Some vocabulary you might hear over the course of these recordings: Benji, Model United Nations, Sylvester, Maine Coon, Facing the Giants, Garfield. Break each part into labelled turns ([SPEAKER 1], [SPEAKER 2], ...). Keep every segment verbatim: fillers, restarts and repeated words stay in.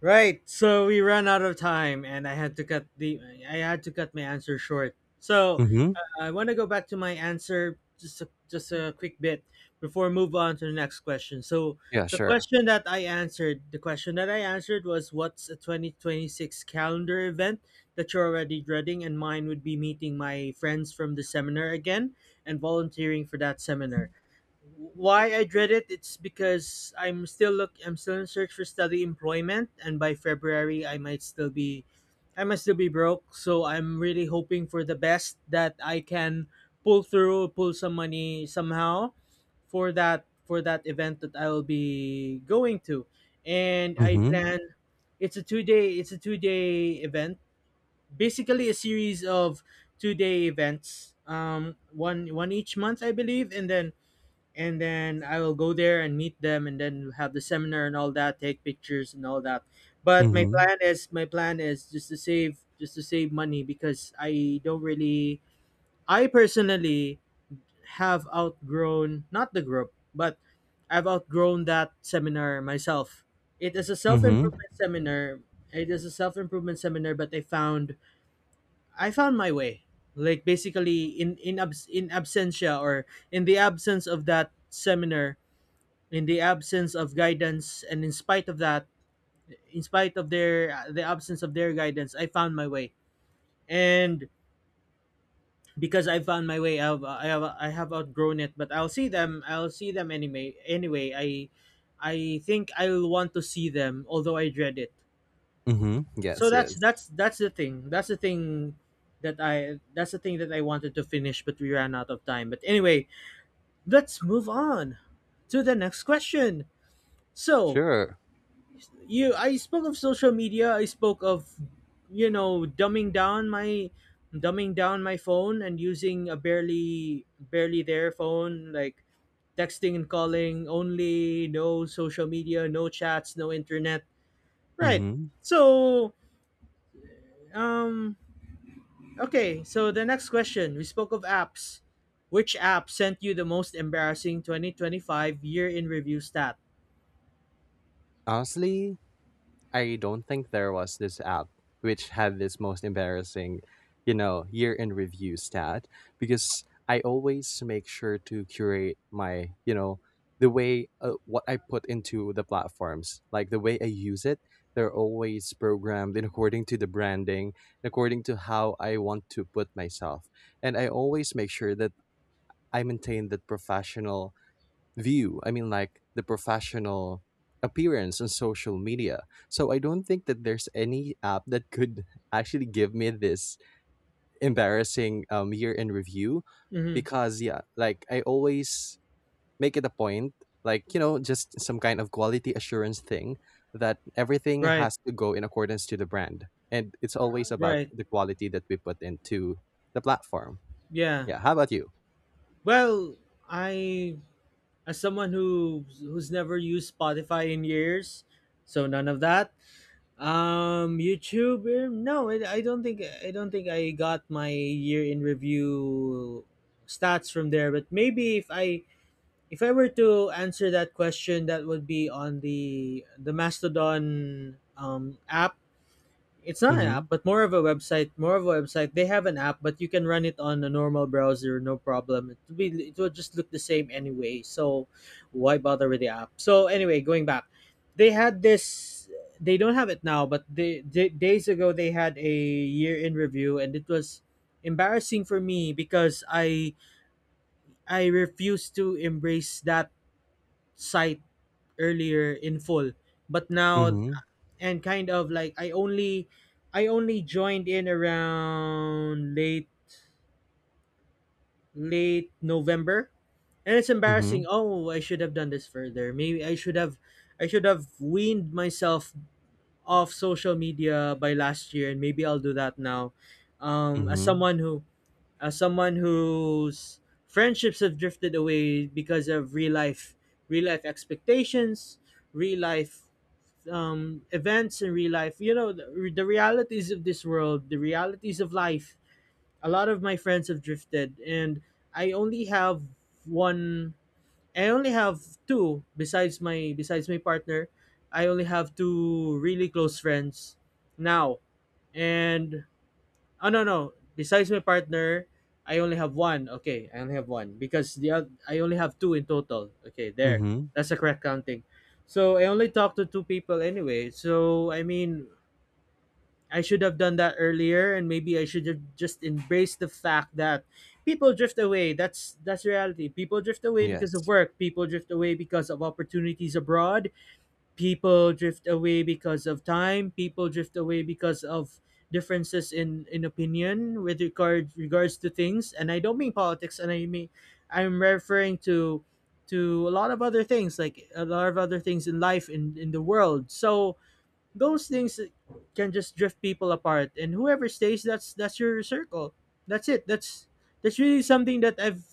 [SPEAKER 1] Right. So we ran out of time, and I had to cut the I had to cut my answer short. So
[SPEAKER 2] Mhm.
[SPEAKER 1] I want to go back to my answer just a, just a quick bit before I move on to the next question. So
[SPEAKER 2] Yeah,
[SPEAKER 1] the
[SPEAKER 2] sure.
[SPEAKER 1] question that I answered, the question that I answered was what's a twenty twenty-six calendar event that you're already dreading, and mine would be meeting my friends from the seminar again and volunteering for that seminar. Why I dread it it's because I'm still look I'm still in search for study employment, and by February I might still be I must still be broke, so I'm really hoping for the best that I can pull through, pull some money somehow for that for that event that I will be going to. And I
[SPEAKER 2] Mhm.
[SPEAKER 1] plan it's a two day it's a two day event. Basically a series of two day events. Um one one each month I believe, and then and then I will go there and meet them, and then have the seminar and all that, take pictures and all that. But my
[SPEAKER 2] Mhm.
[SPEAKER 1] plan is my plan is just to save just to save money because I don't really I personally have outgrown not the group but I've outgrown that seminar myself. It is a self
[SPEAKER 2] Mhm.
[SPEAKER 1] improvement seminar. It is a self improvement seminar, but I found I found my way. Like basically in in abs, in absentia or in the absence of that seminar, in the absence of guidance and in spite of that in spite of their the absence of their guidance, I found my way. And because I found my way, I've, i have I have outgrown it, but i'll see them I'll see them anyway anyway i i think I'll want to see them although I dread it.
[SPEAKER 2] Mhm.
[SPEAKER 1] So
[SPEAKER 2] Yes,
[SPEAKER 1] that's
[SPEAKER 2] yes.
[SPEAKER 1] that's that's the thing that's the thing that i that's the thing that I wanted to finish but we ran out of time. But anyway, let's move on to the next question. So
[SPEAKER 2] Sure.
[SPEAKER 1] you I spoke of social media, I spoke of you know dumbing down my dumbing down my phone and using a barely barely there phone, like texting and calling only, no social media, no chats, no internet, right?
[SPEAKER 2] Mhm.
[SPEAKER 1] So um okay so the next question, we spoke of apps. Which app sent you the most embarrassing twenty twenty-five year in review stat?
[SPEAKER 2] Honestly, I don't think there was this app which had this most embarrassing, you know, year in review stat because I always make sure to curate my, you know, the way uh, what I put into the platforms, like the way I use it. They're always programmed in according to the branding, according to how I want to put myself. And I always make sure that I maintain that professional view. I mean, like the professional appearance on social media. So I don't think that there's any app that could actually give me this embarrassing um, year in review
[SPEAKER 1] Hmm.
[SPEAKER 2] because, yeah, like I always make it a point, like, you know, just some kind of quality assurance thing that everything
[SPEAKER 1] Right.
[SPEAKER 2] has to go in accordance to the brand. And it's always about
[SPEAKER 1] Right.
[SPEAKER 2] the quality that we put into the platform.
[SPEAKER 1] Yeah.
[SPEAKER 2] Yeah. How about you?
[SPEAKER 1] Well, I as someone who who's never used Spotify in years, so none of that. Um, YouTube, eh, no, it, I don't think I don't think I got my year in review stats from there. But maybe if I if I were to answer that question, that would be on the the Mastodon um, app. It's not an
[SPEAKER 2] Mm-hmm.
[SPEAKER 1] app, but more of a website. More of a website. They have an app, but you can run it on a normal browser, no problem. It will, be, it will just look the same anyway. So why bother with the app? So anyway, going back, they had this. They don't have it now, but they, they days ago they had a year in review, and it was embarrassing for me because I I refused to embrace that site earlier in full, but now
[SPEAKER 2] Mm-hmm.
[SPEAKER 1] and kind of like I only I only joined in around late late November. And it's embarrassing. Oh, I should have done this further. Maybe I should have I should have weaned myself off social media by last year, and maybe I'll do that now. Um as
[SPEAKER 2] Mhm.
[SPEAKER 1] someone who as someone whose friendships have drifted away because of real life real life expectations, real life um, events in real life. You know, the, the realities of this world, the realities of life. A lot of my friends have drifted, and I only have one. I only have two besides my besides my partner. I only have two really close friends now, and oh, no, no. Besides my partner, I only have one. Okay, I only have one because the oth- I only have two in total. Okay, there.
[SPEAKER 2] Mhm.
[SPEAKER 1] That's the correct counting. So I only talked to two people anyway. So I mean, I should have done that earlier, and maybe I should have just embraced the fact that people drift away. That's that's reality. People drift away because of
[SPEAKER 2] Yes.
[SPEAKER 1] work. People drift away because of opportunities abroad. People drift away because of time. People drift away because of differences in in opinion with regard regards to things, and I don't mean politics. And I mean, I'm referring to to a lot of other things, like a lot of other things in life, in in the world. So those things can just drift people apart, and whoever stays, that's that's your circle. That's it that's That's really something that I've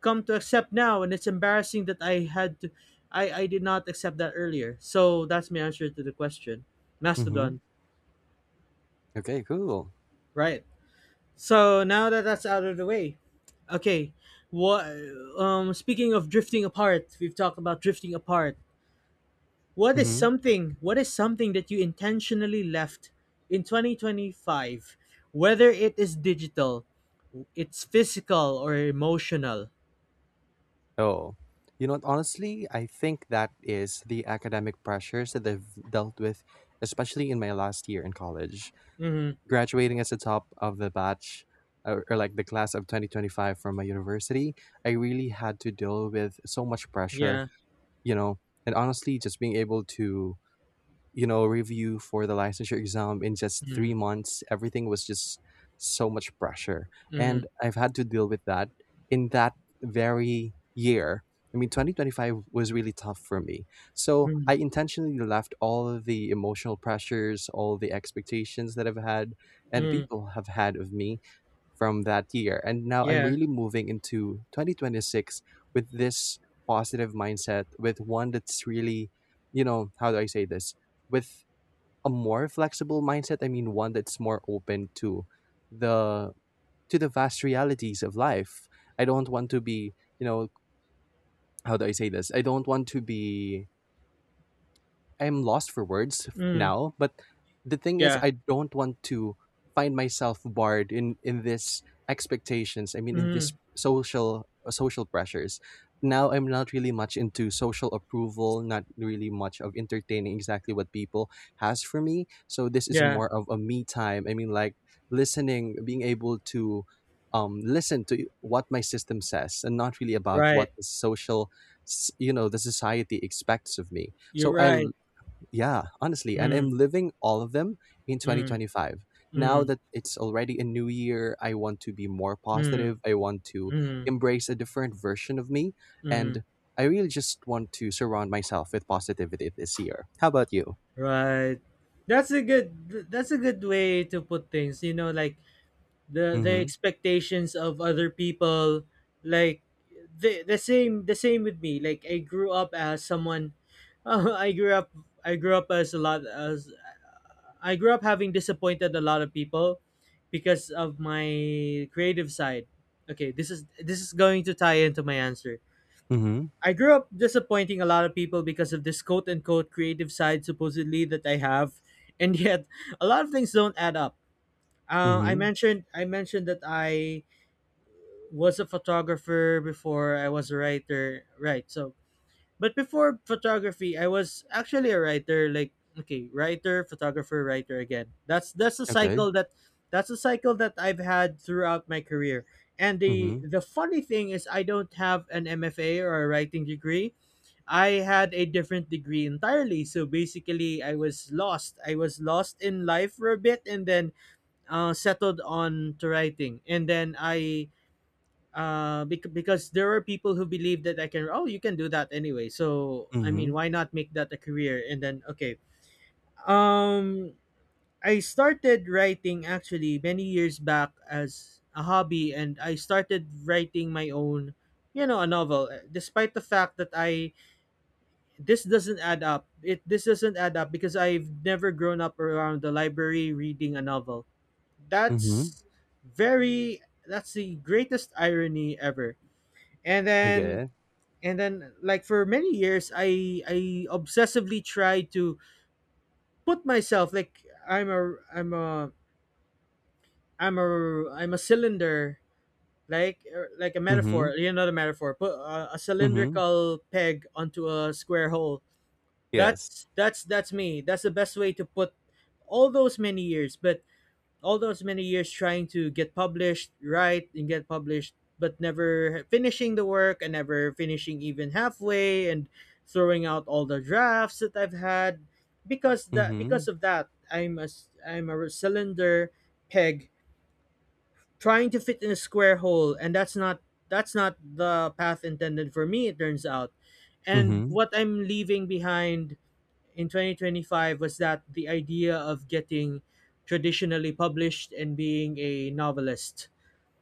[SPEAKER 1] come to accept now, and it's embarrassing that I had to I I did not accept that earlier. So that's my answer to the question.
[SPEAKER 2] Mhm.
[SPEAKER 1] Mastodon.
[SPEAKER 2] Okay, cool.
[SPEAKER 1] Right. So now that that's out of the way, okay, what um speaking of drifting apart, we've talked about drifting apart. What is
[SPEAKER 2] Mhm.
[SPEAKER 1] something what is something that you intentionally left in twenty twenty-five, whether it is digital, it's physical or emotional?
[SPEAKER 2] Oh, you know what? Honestly, I think that is the academic pressures that I've dealt with, especially in my last year in college.
[SPEAKER 1] Hmm.
[SPEAKER 2] Graduating as the top of the batch or, or like the class of twenty twenty-five from my university, I really had to deal with so much pressure,
[SPEAKER 1] Yeah.
[SPEAKER 2] you know, and honestly, just being able to, you know, review for the licensure exam in just
[SPEAKER 1] Mm-hmm.
[SPEAKER 2] three months. Everything was just so much pressure,
[SPEAKER 1] Mm-hmm.
[SPEAKER 2] and I've had to deal with that in that very year. I mean, twenty twenty-five was really tough for me, so
[SPEAKER 1] Mm-hmm.
[SPEAKER 2] I intentionally left all of the emotional pressures, all the expectations that I've had and
[SPEAKER 1] Mm-hmm.
[SPEAKER 2] people have had of me from that year. And now I'm
[SPEAKER 1] Yeah.
[SPEAKER 2] really moving into twenty twenty-six with this positive mindset, with one that's really, you know, how do I say this? With a more flexible mindset. I mean, one that's more open to the to the vast realities of life. I don't want to be, you know, how do I say this? I don't want to be, I'm lost for words f-
[SPEAKER 1] Mm.
[SPEAKER 2] now, but the thing is
[SPEAKER 1] Yeah.
[SPEAKER 2] I don't want to find myself barred in in this expectations. I mean, in
[SPEAKER 1] Mm.
[SPEAKER 2] this social uh, social pressures. Now I'm not really much into social approval, not really much of entertaining exactly what people has for me. So this is
[SPEAKER 1] Yeah.
[SPEAKER 2] more of a me time. I mean, like listening, being able to um listen to what my system says and not really about what
[SPEAKER 1] Right.
[SPEAKER 2] the social s- you know, the society expects of me.
[SPEAKER 1] You're
[SPEAKER 2] So I,
[SPEAKER 1] right.
[SPEAKER 2] yeah, honestly, and
[SPEAKER 1] Mm.
[SPEAKER 2] I'm living all of them in
[SPEAKER 1] Mm.
[SPEAKER 2] twenty twenty-five. Now
[SPEAKER 1] Mm.
[SPEAKER 2] that it's already a new year, I want to be more
[SPEAKER 1] Mm.
[SPEAKER 2] positive. I want to
[SPEAKER 1] Mm.
[SPEAKER 2] embrace a different version of me.
[SPEAKER 1] Mm.
[SPEAKER 2] And I really just want to surround myself with positivity this year. How about you?
[SPEAKER 1] Right. That's a good. That's a good way to put things. You know, like the the
[SPEAKER 2] Mm
[SPEAKER 1] expectations of other people. Like the the same the same with me. Like I grew up as someone. I grew up. I grew up as a lot as I grew up having disappointed a lot of people because of my creative side. Okay, this is this is going to tie into my answer.
[SPEAKER 2] hmm. Mm hmm.
[SPEAKER 1] I grew up disappointing a lot of people because of this quote unquote creative side supposedly that I have, and yet a lot of things don't add up.
[SPEAKER 2] Mm
[SPEAKER 1] Uh, I
[SPEAKER 2] hmm.
[SPEAKER 1] mentioned I mentioned that I was a photographer before I was a writer, right? So but before photography, I was actually a writer. Like okay, writer, photographer, writer again. That's that's a
[SPEAKER 2] Okay.
[SPEAKER 1] cycle that that's a cycle that I've had throughout my career. And the
[SPEAKER 2] Mm
[SPEAKER 1] the funny thing is, I don't have an M F A or a writing degree. I had a different degree entirely. So basically, I was lost. I was lost in life for a bit, and then uh, settled on to writing. And then I uh bec- because there are people who believe that I can, oh you can do that anyway, so
[SPEAKER 2] hmm.
[SPEAKER 1] I
[SPEAKER 2] Mm
[SPEAKER 1] mean
[SPEAKER 2] hmm.
[SPEAKER 1] why not make that a career? And then okay, um I started writing actually many years back as a hobby, and I started writing my own, you know, a novel. Uh, despite the fact that I this doesn't add up it this doesn't add up because I've never grown up around the library reading a novel.
[SPEAKER 2] Mm hmm.
[SPEAKER 1] that's very that's the greatest irony ever. And then
[SPEAKER 2] Okay.
[SPEAKER 1] and then like for many years, i i obsessively tried to put myself, like i'm a i'm a i'm a I'm a cylinder, like er, like a
[SPEAKER 2] Mm hmm.
[SPEAKER 1] metaphor. You know, the metaphor, put a, a
[SPEAKER 2] Mm hmm.
[SPEAKER 1] cylindrical peg onto a square hole.
[SPEAKER 2] Yes.
[SPEAKER 1] that's that's that's me. That's the best way to put all those many years but all those many years trying to get published, write and get published, but never finishing the work and never finishing even halfway, and throwing out all the drafts that I've had. Because
[SPEAKER 2] Mm
[SPEAKER 1] that
[SPEAKER 2] hmm.
[SPEAKER 1] because of that, I'm a s- I'm a cylinder peg trying to fit in a square hole, and that's not that's not the path intended for me, it turns out.
[SPEAKER 2] Mm
[SPEAKER 1] And
[SPEAKER 2] hmm.
[SPEAKER 1] what I'm leaving behind in twenty twenty-five was that the idea of getting traditionally published and being a novelist.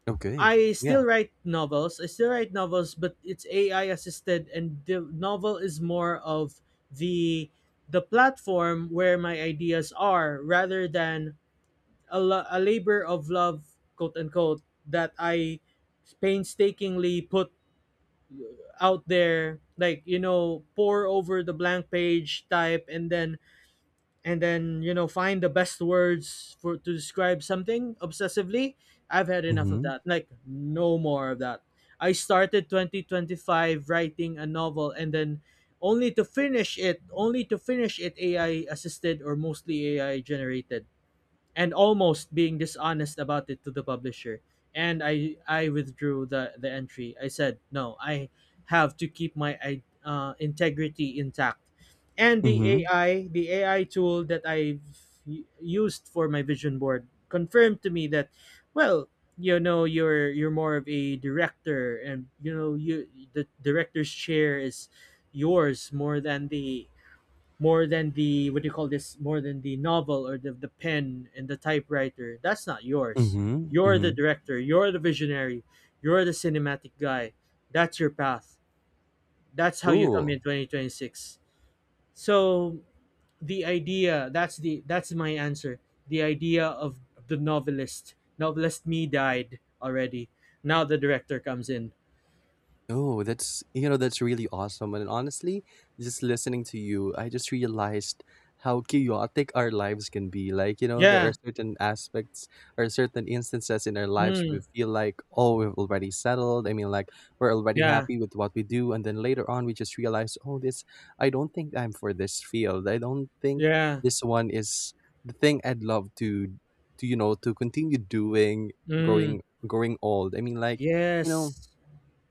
[SPEAKER 2] Okay.
[SPEAKER 1] I
[SPEAKER 2] Yeah.
[SPEAKER 1] still write novels. I still write novels, but it's A I assisted, and the novel is more of the the platform where my ideas are rather than a, lo- a labor of love quote unquote that I painstakingly put out there, like you know, pour over the blank page type, and then and then you know find the best words for to describe something obsessively. I've had
[SPEAKER 2] Mm
[SPEAKER 1] enough of
[SPEAKER 2] hmm.
[SPEAKER 1] that. Like no more of that. I started twenty twenty-five writing a novel, and then only to finish it only to finish it AI assisted, or mostly AI generated, and almost being dishonest about it to the publisher. And I I withdrew the the entry. I said no. I have to keep my i- uh, integrity intact. And
[SPEAKER 2] Mm
[SPEAKER 1] the
[SPEAKER 2] hmm.
[SPEAKER 1] AI the AI tool that I used for my vision board confirmed to me that, well, you know, you're you're more of a director. And you know, you, the director's chair is yours more than the, more than the what do you call this more than the novel or the, the pen and the typewriter. That's not
[SPEAKER 2] Mm
[SPEAKER 1] yours.
[SPEAKER 2] hmm. Mm
[SPEAKER 1] You're
[SPEAKER 2] hmm.
[SPEAKER 1] the director, you're the visionary, you're the cinematic guy. That's your path. That's how you come in
[SPEAKER 2] Cool.
[SPEAKER 1] twenty twenty-six. So the idea, that's the that's my answer. The idea of the novelist novelist me died already. Now the director comes in.
[SPEAKER 2] Oh, that's, you know, that's really awesome. And honestly, just listening to you, I just realized how chaotic our lives can be. Like, you know, there are
[SPEAKER 1] Yeah.
[SPEAKER 2] certain aspects or certain instances in our lives we
[SPEAKER 1] mm,
[SPEAKER 2] feel like, oh, we've already settled. I mean, like we're already
[SPEAKER 1] yeah,
[SPEAKER 2] happy with what we do, and then later on we just realize, oh, this, I don't think I'm for this field. I don't think
[SPEAKER 1] yeah.
[SPEAKER 2] this one is the thing I'd love to, to you know, to continue doing,
[SPEAKER 1] mm,
[SPEAKER 2] growing, growing old. I mean, like, you know,
[SPEAKER 1] yes.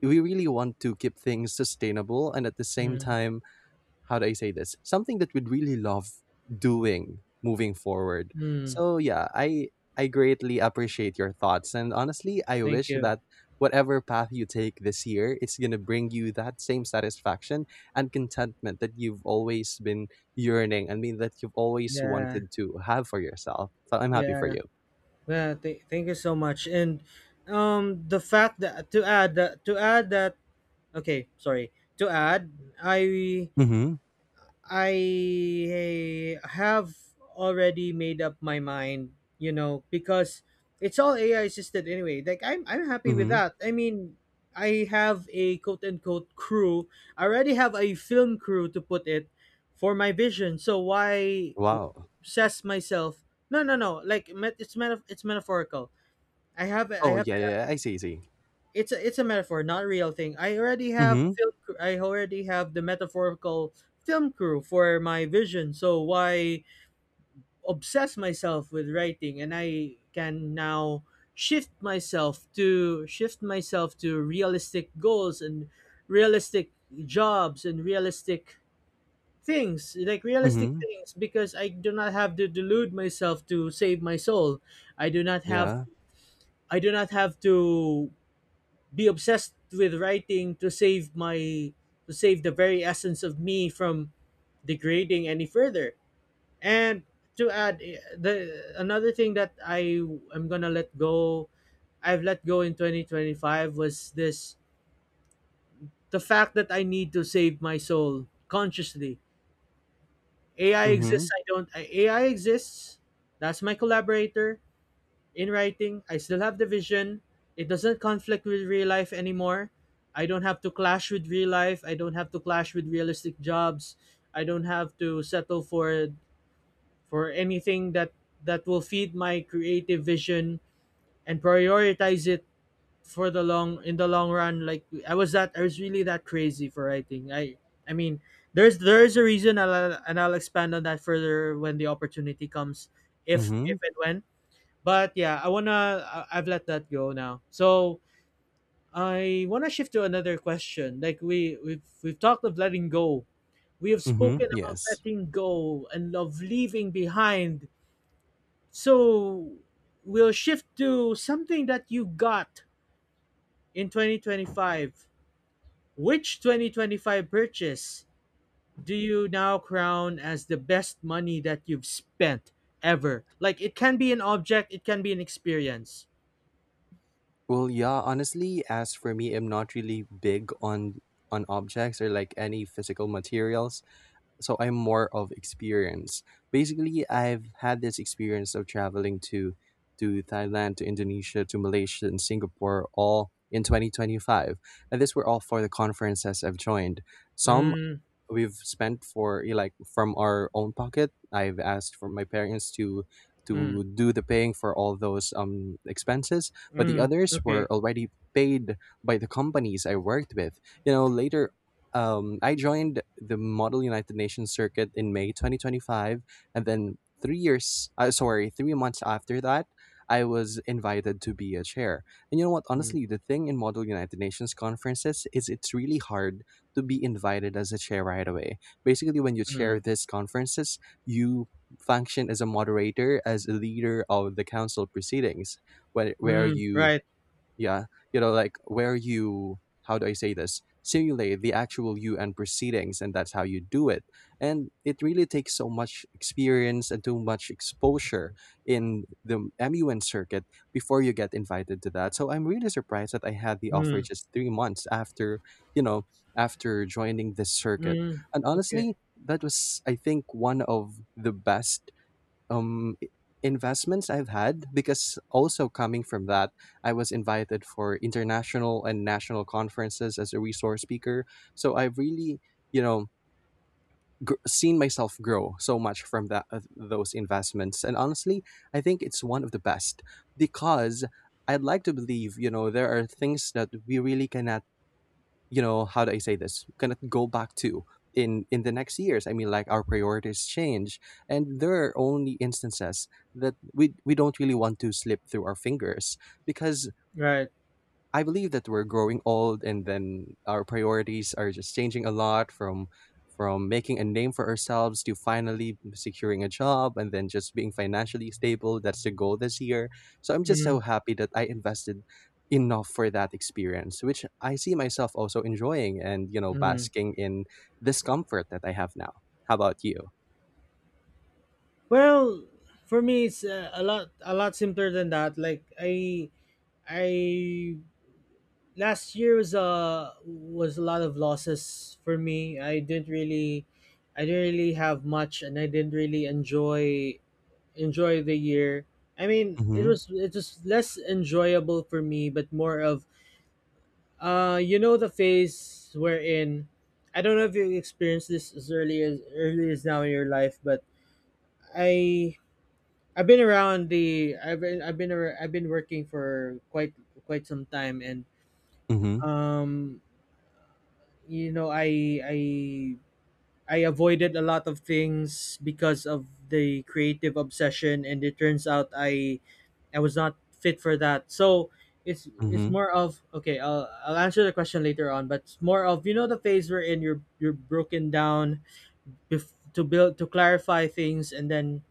[SPEAKER 2] we really want to keep things sustainable and at the same
[SPEAKER 1] mm,
[SPEAKER 2] time, how do I say this, something that we'd really love doing moving forward.
[SPEAKER 1] mm,
[SPEAKER 2] So yeah, i i greatly appreciate your thoughts, and honestly, I
[SPEAKER 1] Thank
[SPEAKER 2] wish
[SPEAKER 1] you.
[SPEAKER 2] that whatever path you take this year, it's going to bring you that same satisfaction and contentment that you've always been yearning, I mean, that you've always
[SPEAKER 1] Yeah,
[SPEAKER 2] wanted to have for yourself. So I'm happy for
[SPEAKER 1] yeah,
[SPEAKER 2] you.
[SPEAKER 1] yeah. Th- thank you so much. And um, the fact that, to add that to add that okay, sorry, to add, I
[SPEAKER 2] Mm-hmm.
[SPEAKER 1] I have already made up my mind, you know, because it's all A I assisted anyway. Like I'm I'm happy with
[SPEAKER 2] Mm-hmm.
[SPEAKER 1] that. I mean, I have a quote unquote crew. I already have a film crew, to put it, for my vision. So why
[SPEAKER 2] Wow.
[SPEAKER 1] obsess myself? No, no, no. Like met- it's meta- it's metaphorical. I have
[SPEAKER 2] Oh
[SPEAKER 1] I
[SPEAKER 2] yeah, yeah, yeah. i see I see.
[SPEAKER 1] It's a it's a metaphor, not a real thing. I already have a
[SPEAKER 2] Mm-hmm.
[SPEAKER 1] film. cr- I already have the metaphorical film crew for my vision. So why obsess myself with writing? And I can now shift myself to shift myself to realistic goals, and realistic jobs, and realistic things, like realistic
[SPEAKER 2] Mm-hmm.
[SPEAKER 1] things because I do not have to delude myself to save my soul. I do not have,
[SPEAKER 2] Yeah.
[SPEAKER 1] I do not have to be obsessed with writing to save my, to save the very essence of me from degrading any further. And to add, eh, the another thing that I am gonna let go, I've let go in twenty twenty-five, was this, the fact that I need to save my soul consciously. Ai
[SPEAKER 2] Mm-hmm.
[SPEAKER 1] exists I don't I, AI exists, that's my collaborator in writing. I still have the vision. It doesn't conflict with real life anymore. I don't have to clash with real life, I don't have to clash with realistic jobs. I don't have to settle for for anything that, that will feed my creative vision and prioritize it for the long in the long run. Like I was that, I was really that crazy for writing. I I mean, there's there's a reason, and I'll, and I'll expand on that further when the opportunity comes, if
[SPEAKER 2] Mm-hmm.
[SPEAKER 1] if and when. But yeah, I wanna, I- I've let that go now. So I wanna shift to another question. Like we we've we've talked of letting go. We have spoken
[SPEAKER 2] Mm-hmm.
[SPEAKER 1] about
[SPEAKER 2] Yes.
[SPEAKER 1] letting go and of leaving behind. So we'll shift to something that you got in twenty twenty-five. Which twenty twenty-five purchase do you now crown as the best money that you've spent ever? Like it can be an object, it can be an experience.
[SPEAKER 2] Well, yeah, honestly, as for me, I'm not really big on on objects or like any physical materials. So I'm more of experience. Basically, I've had this experience of traveling to to Thailand, to Indonesia, to Malaysia and Singapore all in twenty twenty-five. And these were all for the conferences I've joined. Some
[SPEAKER 1] Mm,
[SPEAKER 2] we've spent for eh, like from our own pocket. I've asked for my parents to
[SPEAKER 1] mm,
[SPEAKER 2] to do the paying for all those um expenses, but the
[SPEAKER 1] mm,
[SPEAKER 2] others were
[SPEAKER 1] okay.
[SPEAKER 2] already paid by the companies I worked with. You know, later um I joined the Model United Nations circuit in May twenty twenty-five, and then three years uh, sorry, three months after that I was invited to be a chair. And you know what?
[SPEAKER 1] Mm,
[SPEAKER 2] Honestly, the thing in Model United Nations conferences is it's really hard to be invited as a chair right away. Basically, when you chair
[SPEAKER 1] mm,
[SPEAKER 2] these conferences, you function as a moderator, as a leader of the council proceedings, where, where
[SPEAKER 1] mm,
[SPEAKER 2] you,
[SPEAKER 1] right.
[SPEAKER 2] yeah, you know, like where you, how do I say this, simulate the actual U N proceedings, and that's how you do it. And it really takes so much experience and too much exposure in the M U N circuit before you get invited to that. So I'm really surprised that I had the offer
[SPEAKER 1] Mm,
[SPEAKER 2] just three months after, you know, after joining this circuit.
[SPEAKER 1] mm,
[SPEAKER 2] And
[SPEAKER 1] okay.
[SPEAKER 2] honestly, that was, I think, one of the best um i- investments I've had because also coming from that, I was invited for international and national conferences as a resource speaker. So I've really, you know, gr- seen myself grow so much from that uh, those investments. And honestly, I think it's one of the best because I'd like to believe, you know, there are things that we really cannot, you know, how do I say this, gonna go back to in in the next years. I mean, like our priorities change, and there are only instances that we we don't really want to slip through our fingers because
[SPEAKER 1] Right.
[SPEAKER 2] I believe that we're growing old, and then our priorities are just changing a lot from from making a name for ourselves to finally securing a job and then just being financially stable. That's the goal this year. So I'm just so
[SPEAKER 1] Mm,
[SPEAKER 2] happy that I invested enough for that experience, which I see myself also enjoying, and, you know,
[SPEAKER 1] mm.
[SPEAKER 2] basking in this comfort that I have now. How about you?
[SPEAKER 1] Well, for me, it's uh, a lot, a lot simpler than that. Like I, I last year was a, was a lot of losses for me. I didn't really, I didn't really have much, and I didn't really enjoy enjoy the year. I mean, it
[SPEAKER 2] Mm-hmm.
[SPEAKER 1] was, it was less enjoyable for me, but more of uh, you know, the phase wherein, I don't know if you experienced this as early as early as now in your life, but I, I've been around the I've been, I've been ar- I've been working for quite, quite some time. And
[SPEAKER 2] Mm-hmm.
[SPEAKER 1] um, you know, I I I avoided a lot of things because of the creative obsession, and it turns out I I was not fit for that. So it's it's
[SPEAKER 2] Mm-hmm.
[SPEAKER 1] more of, okay, I'll I'll answer the question later on, but it's more of, you know, the phase we're in. You're you're broken down, bef- to build, to clarify things, and then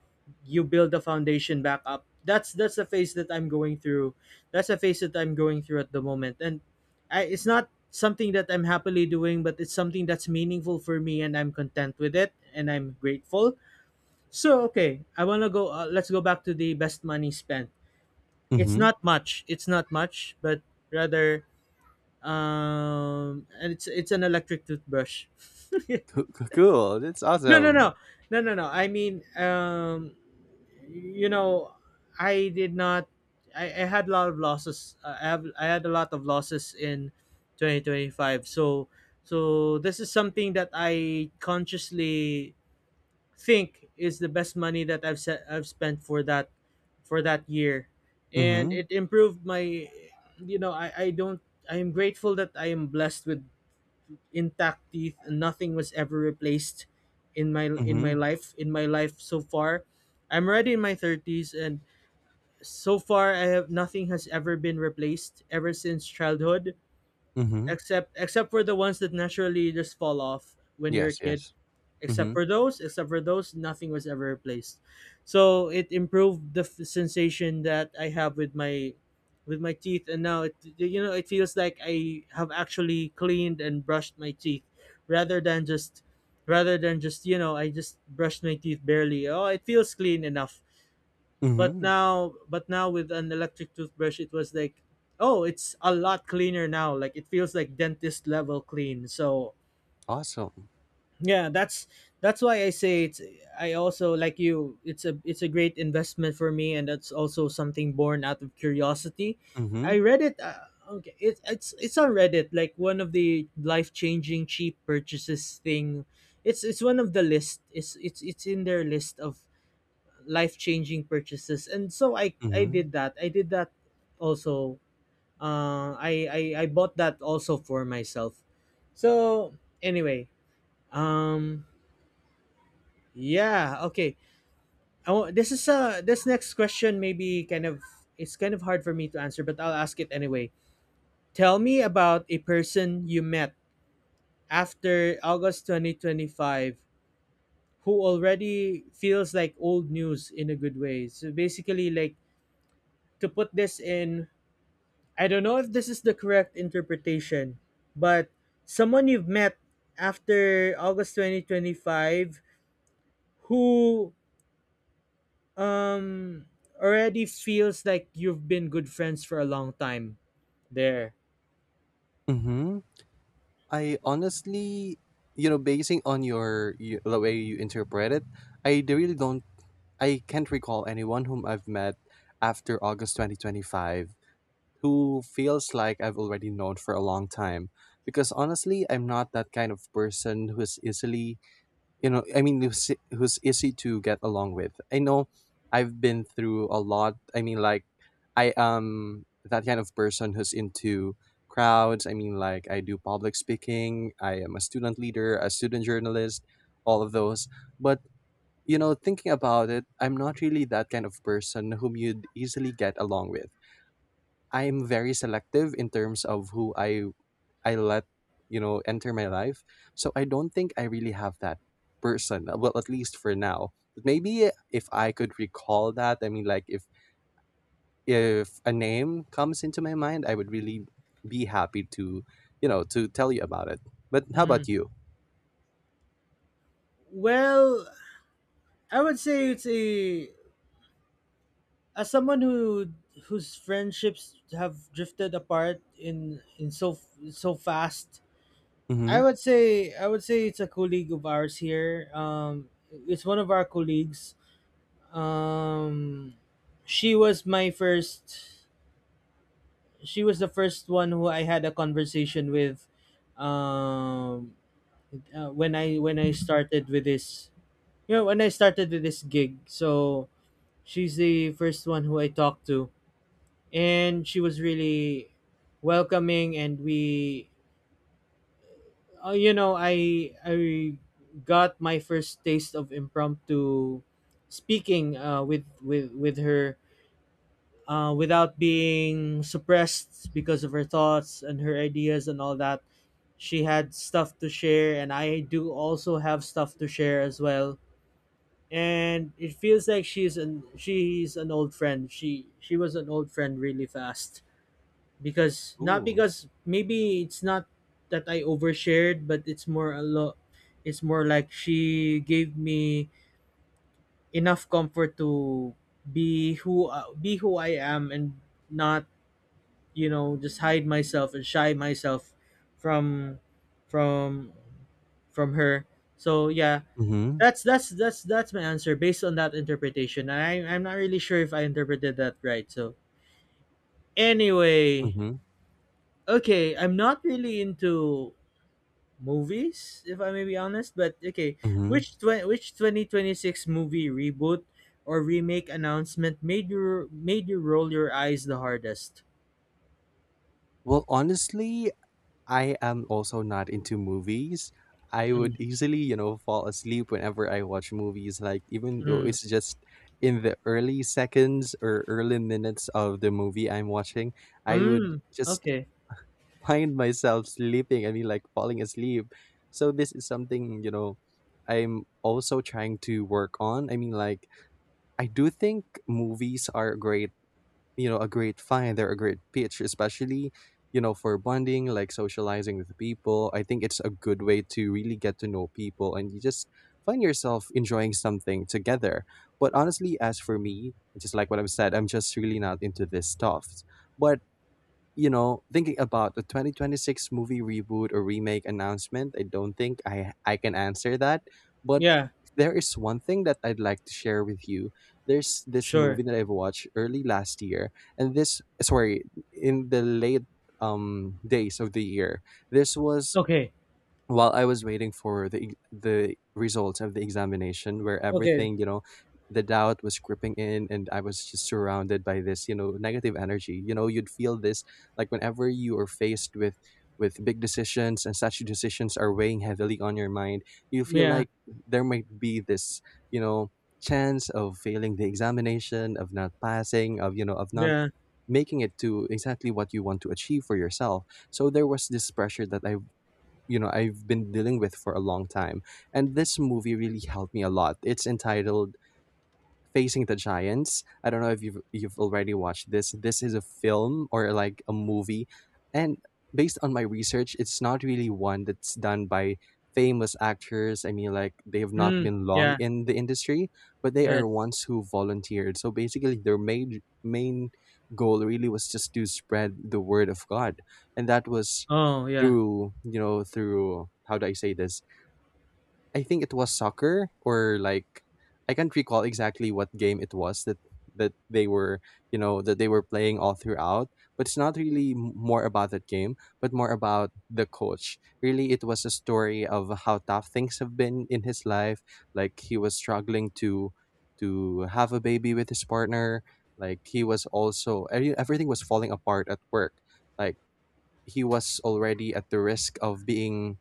[SPEAKER 1] you build the foundation back up. That's that's the phase that I'm going through. That's the phase that I'm going through at the moment, and I, it's not something that I'm happily doing, but it's something that's meaningful for me, and I'm content with it, and I'm grateful. So okay, I wanna go. Uh, let's go back to the best money spent. It's
[SPEAKER 2] Mm-hmm.
[SPEAKER 1] not much it's not much, but rather, um, and it's it's an electric toothbrush.
[SPEAKER 2] Coo- coo- Cool. That's
[SPEAKER 1] No, no,
[SPEAKER 2] awesome.
[SPEAKER 1] no, no, no, no, I mean, um, you know, I did not, I, I had a lot of losses. Uh, i have I had a lot of losses in twenty twenty-five. So, so this is something that I consciously think is the best money that I've set, I've spent for that, for that year, and
[SPEAKER 2] Mm-hmm.
[SPEAKER 1] it improved my. You know, I I don't, I am grateful that I am blessed with intact teeth, and nothing was ever replaced in my, in
[SPEAKER 2] Mm-hmm.
[SPEAKER 1] my life in my life so far. I'm already in my thirties, and so far I have, nothing has ever been replaced ever since childhood,
[SPEAKER 2] Mm-hmm.
[SPEAKER 1] except, except for the ones that naturally just fall off when you're a
[SPEAKER 2] Yes,
[SPEAKER 1] kid.
[SPEAKER 2] yes.
[SPEAKER 1] Except
[SPEAKER 2] Mm-hmm.
[SPEAKER 1] for those, except for those, nothing was ever replaced. So it improved the f- sensation that I have with my, with my teeth, and now it, you know, it feels like I have actually cleaned and brushed my teeth, rather than just, rather than just, you know, I just brushed my teeth barely. Oh, it feels clean enough. But
[SPEAKER 2] Mhm.
[SPEAKER 1] now, but now, with an electric toothbrush, it was like, oh, it's a lot cleaner now. Like, it feels like dentist level clean. So
[SPEAKER 2] Awesome.
[SPEAKER 1] yeah, that's that's why I say it's, I also like you, it's a, it's a great investment for me, and that's also something born out of curiosity. I
[SPEAKER 2] Mhm.
[SPEAKER 1] read it, uh, okay, it, it's it's on Reddit, like one of the life-changing cheap purchases thing. It's it's one of the list. It's it's it's in their list of life-changing purchases. And so I I
[SPEAKER 2] Mhm.
[SPEAKER 1] did that. I did that also. Uh I I I bought that also for myself. So anyway, um, yeah. Okay. I want, this is uh this next question, maybe kind of, it's kind of hard for me to answer, but I'll ask it anyway. Tell me about a person you met after August twenty twenty five who already feels like old news, in a good way. So basically, like, to put this in, I don't know if this is the correct interpretation, but someone you've met after August twenty twenty five who, um, already feels like you've been good friends for a long time there.
[SPEAKER 2] Mhm. I, honestly, you know, basing on your, you, the way you interpret it, I d- really don't. I can't recall anyone whom I've met after August twenty twenty-five who feels like I've already known for a long time. Because honestly, I'm not that kind of person who is easily, you know, I mean, who's, who's easy to get along with. I know I've been through a lot. I mean, like I am that kind of person who's into crowds. I mean, like I do public speaking, I am a student leader, a student journalist, all of those. But, you know, thinking about it, I'm not really that kind of person whom you'd easily get along with. I'm very selective in terms of who i I let, you know, enter my life. So I don't think I really have that person. uh, Well, at least for now. But maybe if I could recall that, I mean, like if if a name comes into my mind, I would really be happy to, you know, to tell you about it. But how about you?
[SPEAKER 1] Well, I would say it's a, as someone who, whose friendships have drifted apart in in so, so fast, I
[SPEAKER 2] Mm-hmm.
[SPEAKER 1] would say, I would say it's a colleague of ours here. Um, it's one of our colleagues. Um, she was my first she was the first one who I had a conversation with. Um, uh, when I, when I started with this, you know, when I started with this gig. So she's the first one who I talked to, and she was really welcoming, and we, uh, you know, I I got my first taste of impromptu speaking, uh, with with with her. Uh, without being suppressed because of her thoughts and her ideas and all that, she had stuff to share, and I do also have stuff to share as well. And it feels like she's an she's an old friend. She she was an old friend really fast. Because not,
[SPEAKER 2] Ooh.
[SPEAKER 1] because maybe it's not that I overshared, but it's more a lot. It's more like she gave me enough comfort to be who uh, be who I am, and not, you know, just hide myself and shy myself from from from her. So yeah,
[SPEAKER 2] Mm-hmm.
[SPEAKER 1] that's, that's that's that's my answer based on that interpretation. I, I'm not really sure if I interpreted that right. So anyway,
[SPEAKER 2] Mm-hmm.
[SPEAKER 1] okay, I'm not really into movies, if I may be honest, but okay,
[SPEAKER 2] Mm-hmm.
[SPEAKER 1] which tw- which twenty twenty-six movie reboot or remake announcement made you, made you roll your eyes the hardest?
[SPEAKER 2] Well, honestly, I am also not into movies. I would
[SPEAKER 1] Mm,
[SPEAKER 2] easily, you know, fall asleep whenever I watch movies, like even though
[SPEAKER 1] mm,
[SPEAKER 2] it's just in the early seconds or early minutes of the movie I'm watching, I would
[SPEAKER 1] mm,
[SPEAKER 2] just
[SPEAKER 1] okay.
[SPEAKER 2] find myself sleeping. I mean, like falling asleep. So this is something, you know, I'm also trying to work on. I mean, like, I do think movies are great, you know, a great find. They're a great pitch, especially, you know, for bonding, like socializing with people. I think it's a good way to really get to know people, and you just find yourself enjoying something together. But honestly, as for me, just like what I've said, I'm just really not into this stuff. But, you know, thinking about the twenty twenty-six movie reboot or remake announcement, I don't think I I can answer that. But
[SPEAKER 1] Yeah,
[SPEAKER 2] if there is one thing that I'd like to share with you, there's this
[SPEAKER 1] sure.
[SPEAKER 2] movie that I've watched early last year, and this, sorry, in the late um days of the year. This was
[SPEAKER 1] Okay.
[SPEAKER 2] while I was waiting for the ex- the results of the examination, where
[SPEAKER 1] Okay.
[SPEAKER 2] everything, you know, the doubt was creeping in, and I was just surrounded by this, you know, negative energy. You know, you'd feel this like whenever you are faced with with big decisions and such decisions are weighing heavily on your mind. You feel
[SPEAKER 1] Yeah.
[SPEAKER 2] like there might be this, you know, chance of failing the examination, of not passing, of you know, of not
[SPEAKER 1] Yeah.
[SPEAKER 2] making it to exactly what you want to achieve for yourself. So there was this pressure that I you know I've been dealing with for a long time. And this movie really helped me a lot. It's entitled Facing the Giants. I don't know if you've you've already watched this. This is a film or like a movie, and based on my research, it's not really one that's done by famous actors. I mean, like they have not
[SPEAKER 1] Mm,
[SPEAKER 2] been long
[SPEAKER 1] yeah.
[SPEAKER 2] in the industry, but they
[SPEAKER 1] Yes.
[SPEAKER 2] are ones who volunteered. So basically, their main main goal really was just to spread the word of God, and that was
[SPEAKER 1] Oh, yeah.
[SPEAKER 2] through you know through how do I say this? I think it was soccer, or like I can't recall exactly what game it was that that they were you know that they were playing all throughout. But it's not really m- more about that game, but more about the coach. Really, it was a story of how tough things have been in his life. Like he was struggling to to have a baby with his partner. Like he was also every- everything was falling apart at work. Like he was already at the risk of being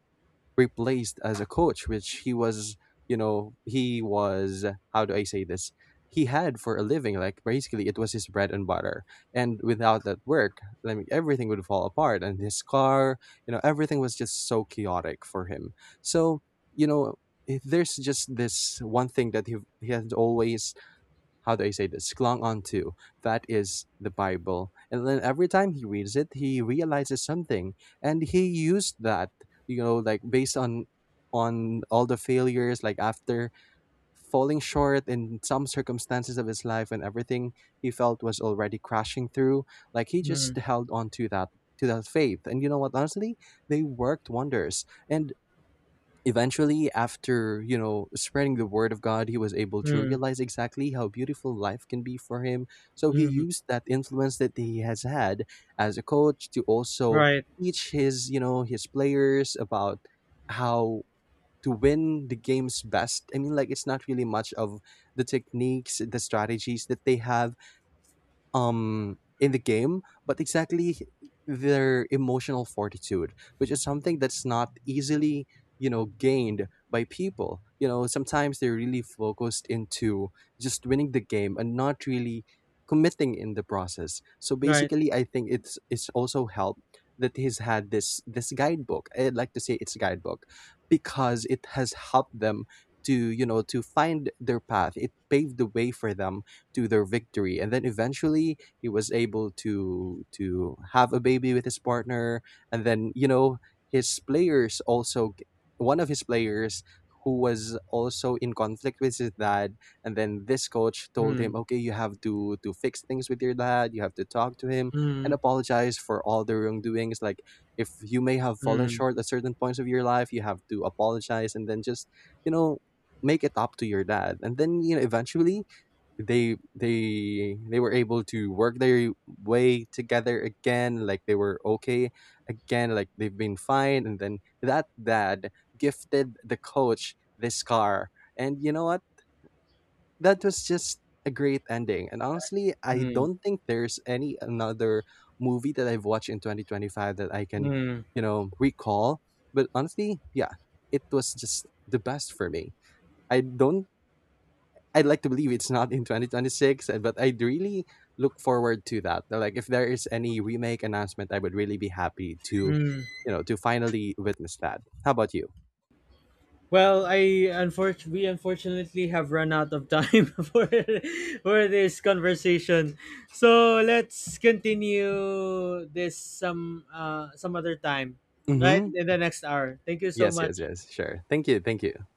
[SPEAKER 2] replaced as a coach, which he was, you know, he was, how do I say this? He had for a living, like basically it was his bread and butter. And without that work, I mean, everything would fall apart, and his car, you know, everything was just so chaotic for him. So, you know, if there's just this one thing that he, he has always, how do I say this, clung onto. That is the Bible. And then every time he reads it, he realizes something. And he used that, you know, like based on on all the failures, like after falling short in some circumstances of his life, and everything he felt was already crashing through. Like he just
[SPEAKER 1] Mm.
[SPEAKER 2] held on to that to that faith. And you know what, honestly, they worked wonders. And eventually, after, you know, spreading the word of God, he was able to
[SPEAKER 1] Mm,
[SPEAKER 2] realize exactly how beautiful life can be for him. So he
[SPEAKER 1] mm,
[SPEAKER 2] used that influence that he has had as a coach to also
[SPEAKER 1] right,
[SPEAKER 2] teach his, you know, his players about how to win the games best. I mean, like, it's not really much of the techniques, the strategies that they have um in the game, but exactly their emotional fortitude, which is something that's not easily, you know, gained by people. You know, sometimes they're really focused into just winning the game and not really committing in the process. So
[SPEAKER 1] right.
[SPEAKER 2] basically, I think it's it's also helped that he's had this this guidebook. I'd like to say it's a guidebook because it has helped them to, you know, to find their path. It paved the way for them to their victory. And then eventually he was able to to have a baby with his partner. And then, you know, his players also, one of his players who was also in conflict with his dad, and then this coach told
[SPEAKER 1] Mm,
[SPEAKER 2] him, okay, you have to to fix things with your dad, you have to talk to him and
[SPEAKER 1] mm,
[SPEAKER 2] apologize for all the wrongdoings. Like if you may have fallen
[SPEAKER 1] mm,
[SPEAKER 2] short at certain points of your life, you have to apologize and then just, you know, make it up to your dad. And then, you know, eventually they they they were able to work their way together again. Like they were okay again, like they've been fine. And then that dad gifted the coach this car. And you know what, that was just a great ending. And honestly, I
[SPEAKER 1] mm,
[SPEAKER 2] don't think there's any another movie that I've watched in twenty twenty-five that I can,
[SPEAKER 1] mm,
[SPEAKER 2] you know, recall. But honestly, yeah, it was just the best for me. I don't, I'd like to believe it's not in twenty twenty-six, uh, but I'd really look forward to that. Uh, Like if there is any remake announcement, I would really be happy to,
[SPEAKER 1] mm.
[SPEAKER 2] you know, to finally witness that. How about you?
[SPEAKER 1] Well, I, unfortunately, we unfortunately have run out of time for for this conversation. So let's continue this some, uh, some other time, right?
[SPEAKER 2] Mm-hmm.
[SPEAKER 1] In the next hour. Thank you so
[SPEAKER 2] Yes, yes,
[SPEAKER 1] much.
[SPEAKER 2] yes. Sure. Thank you. Thank you.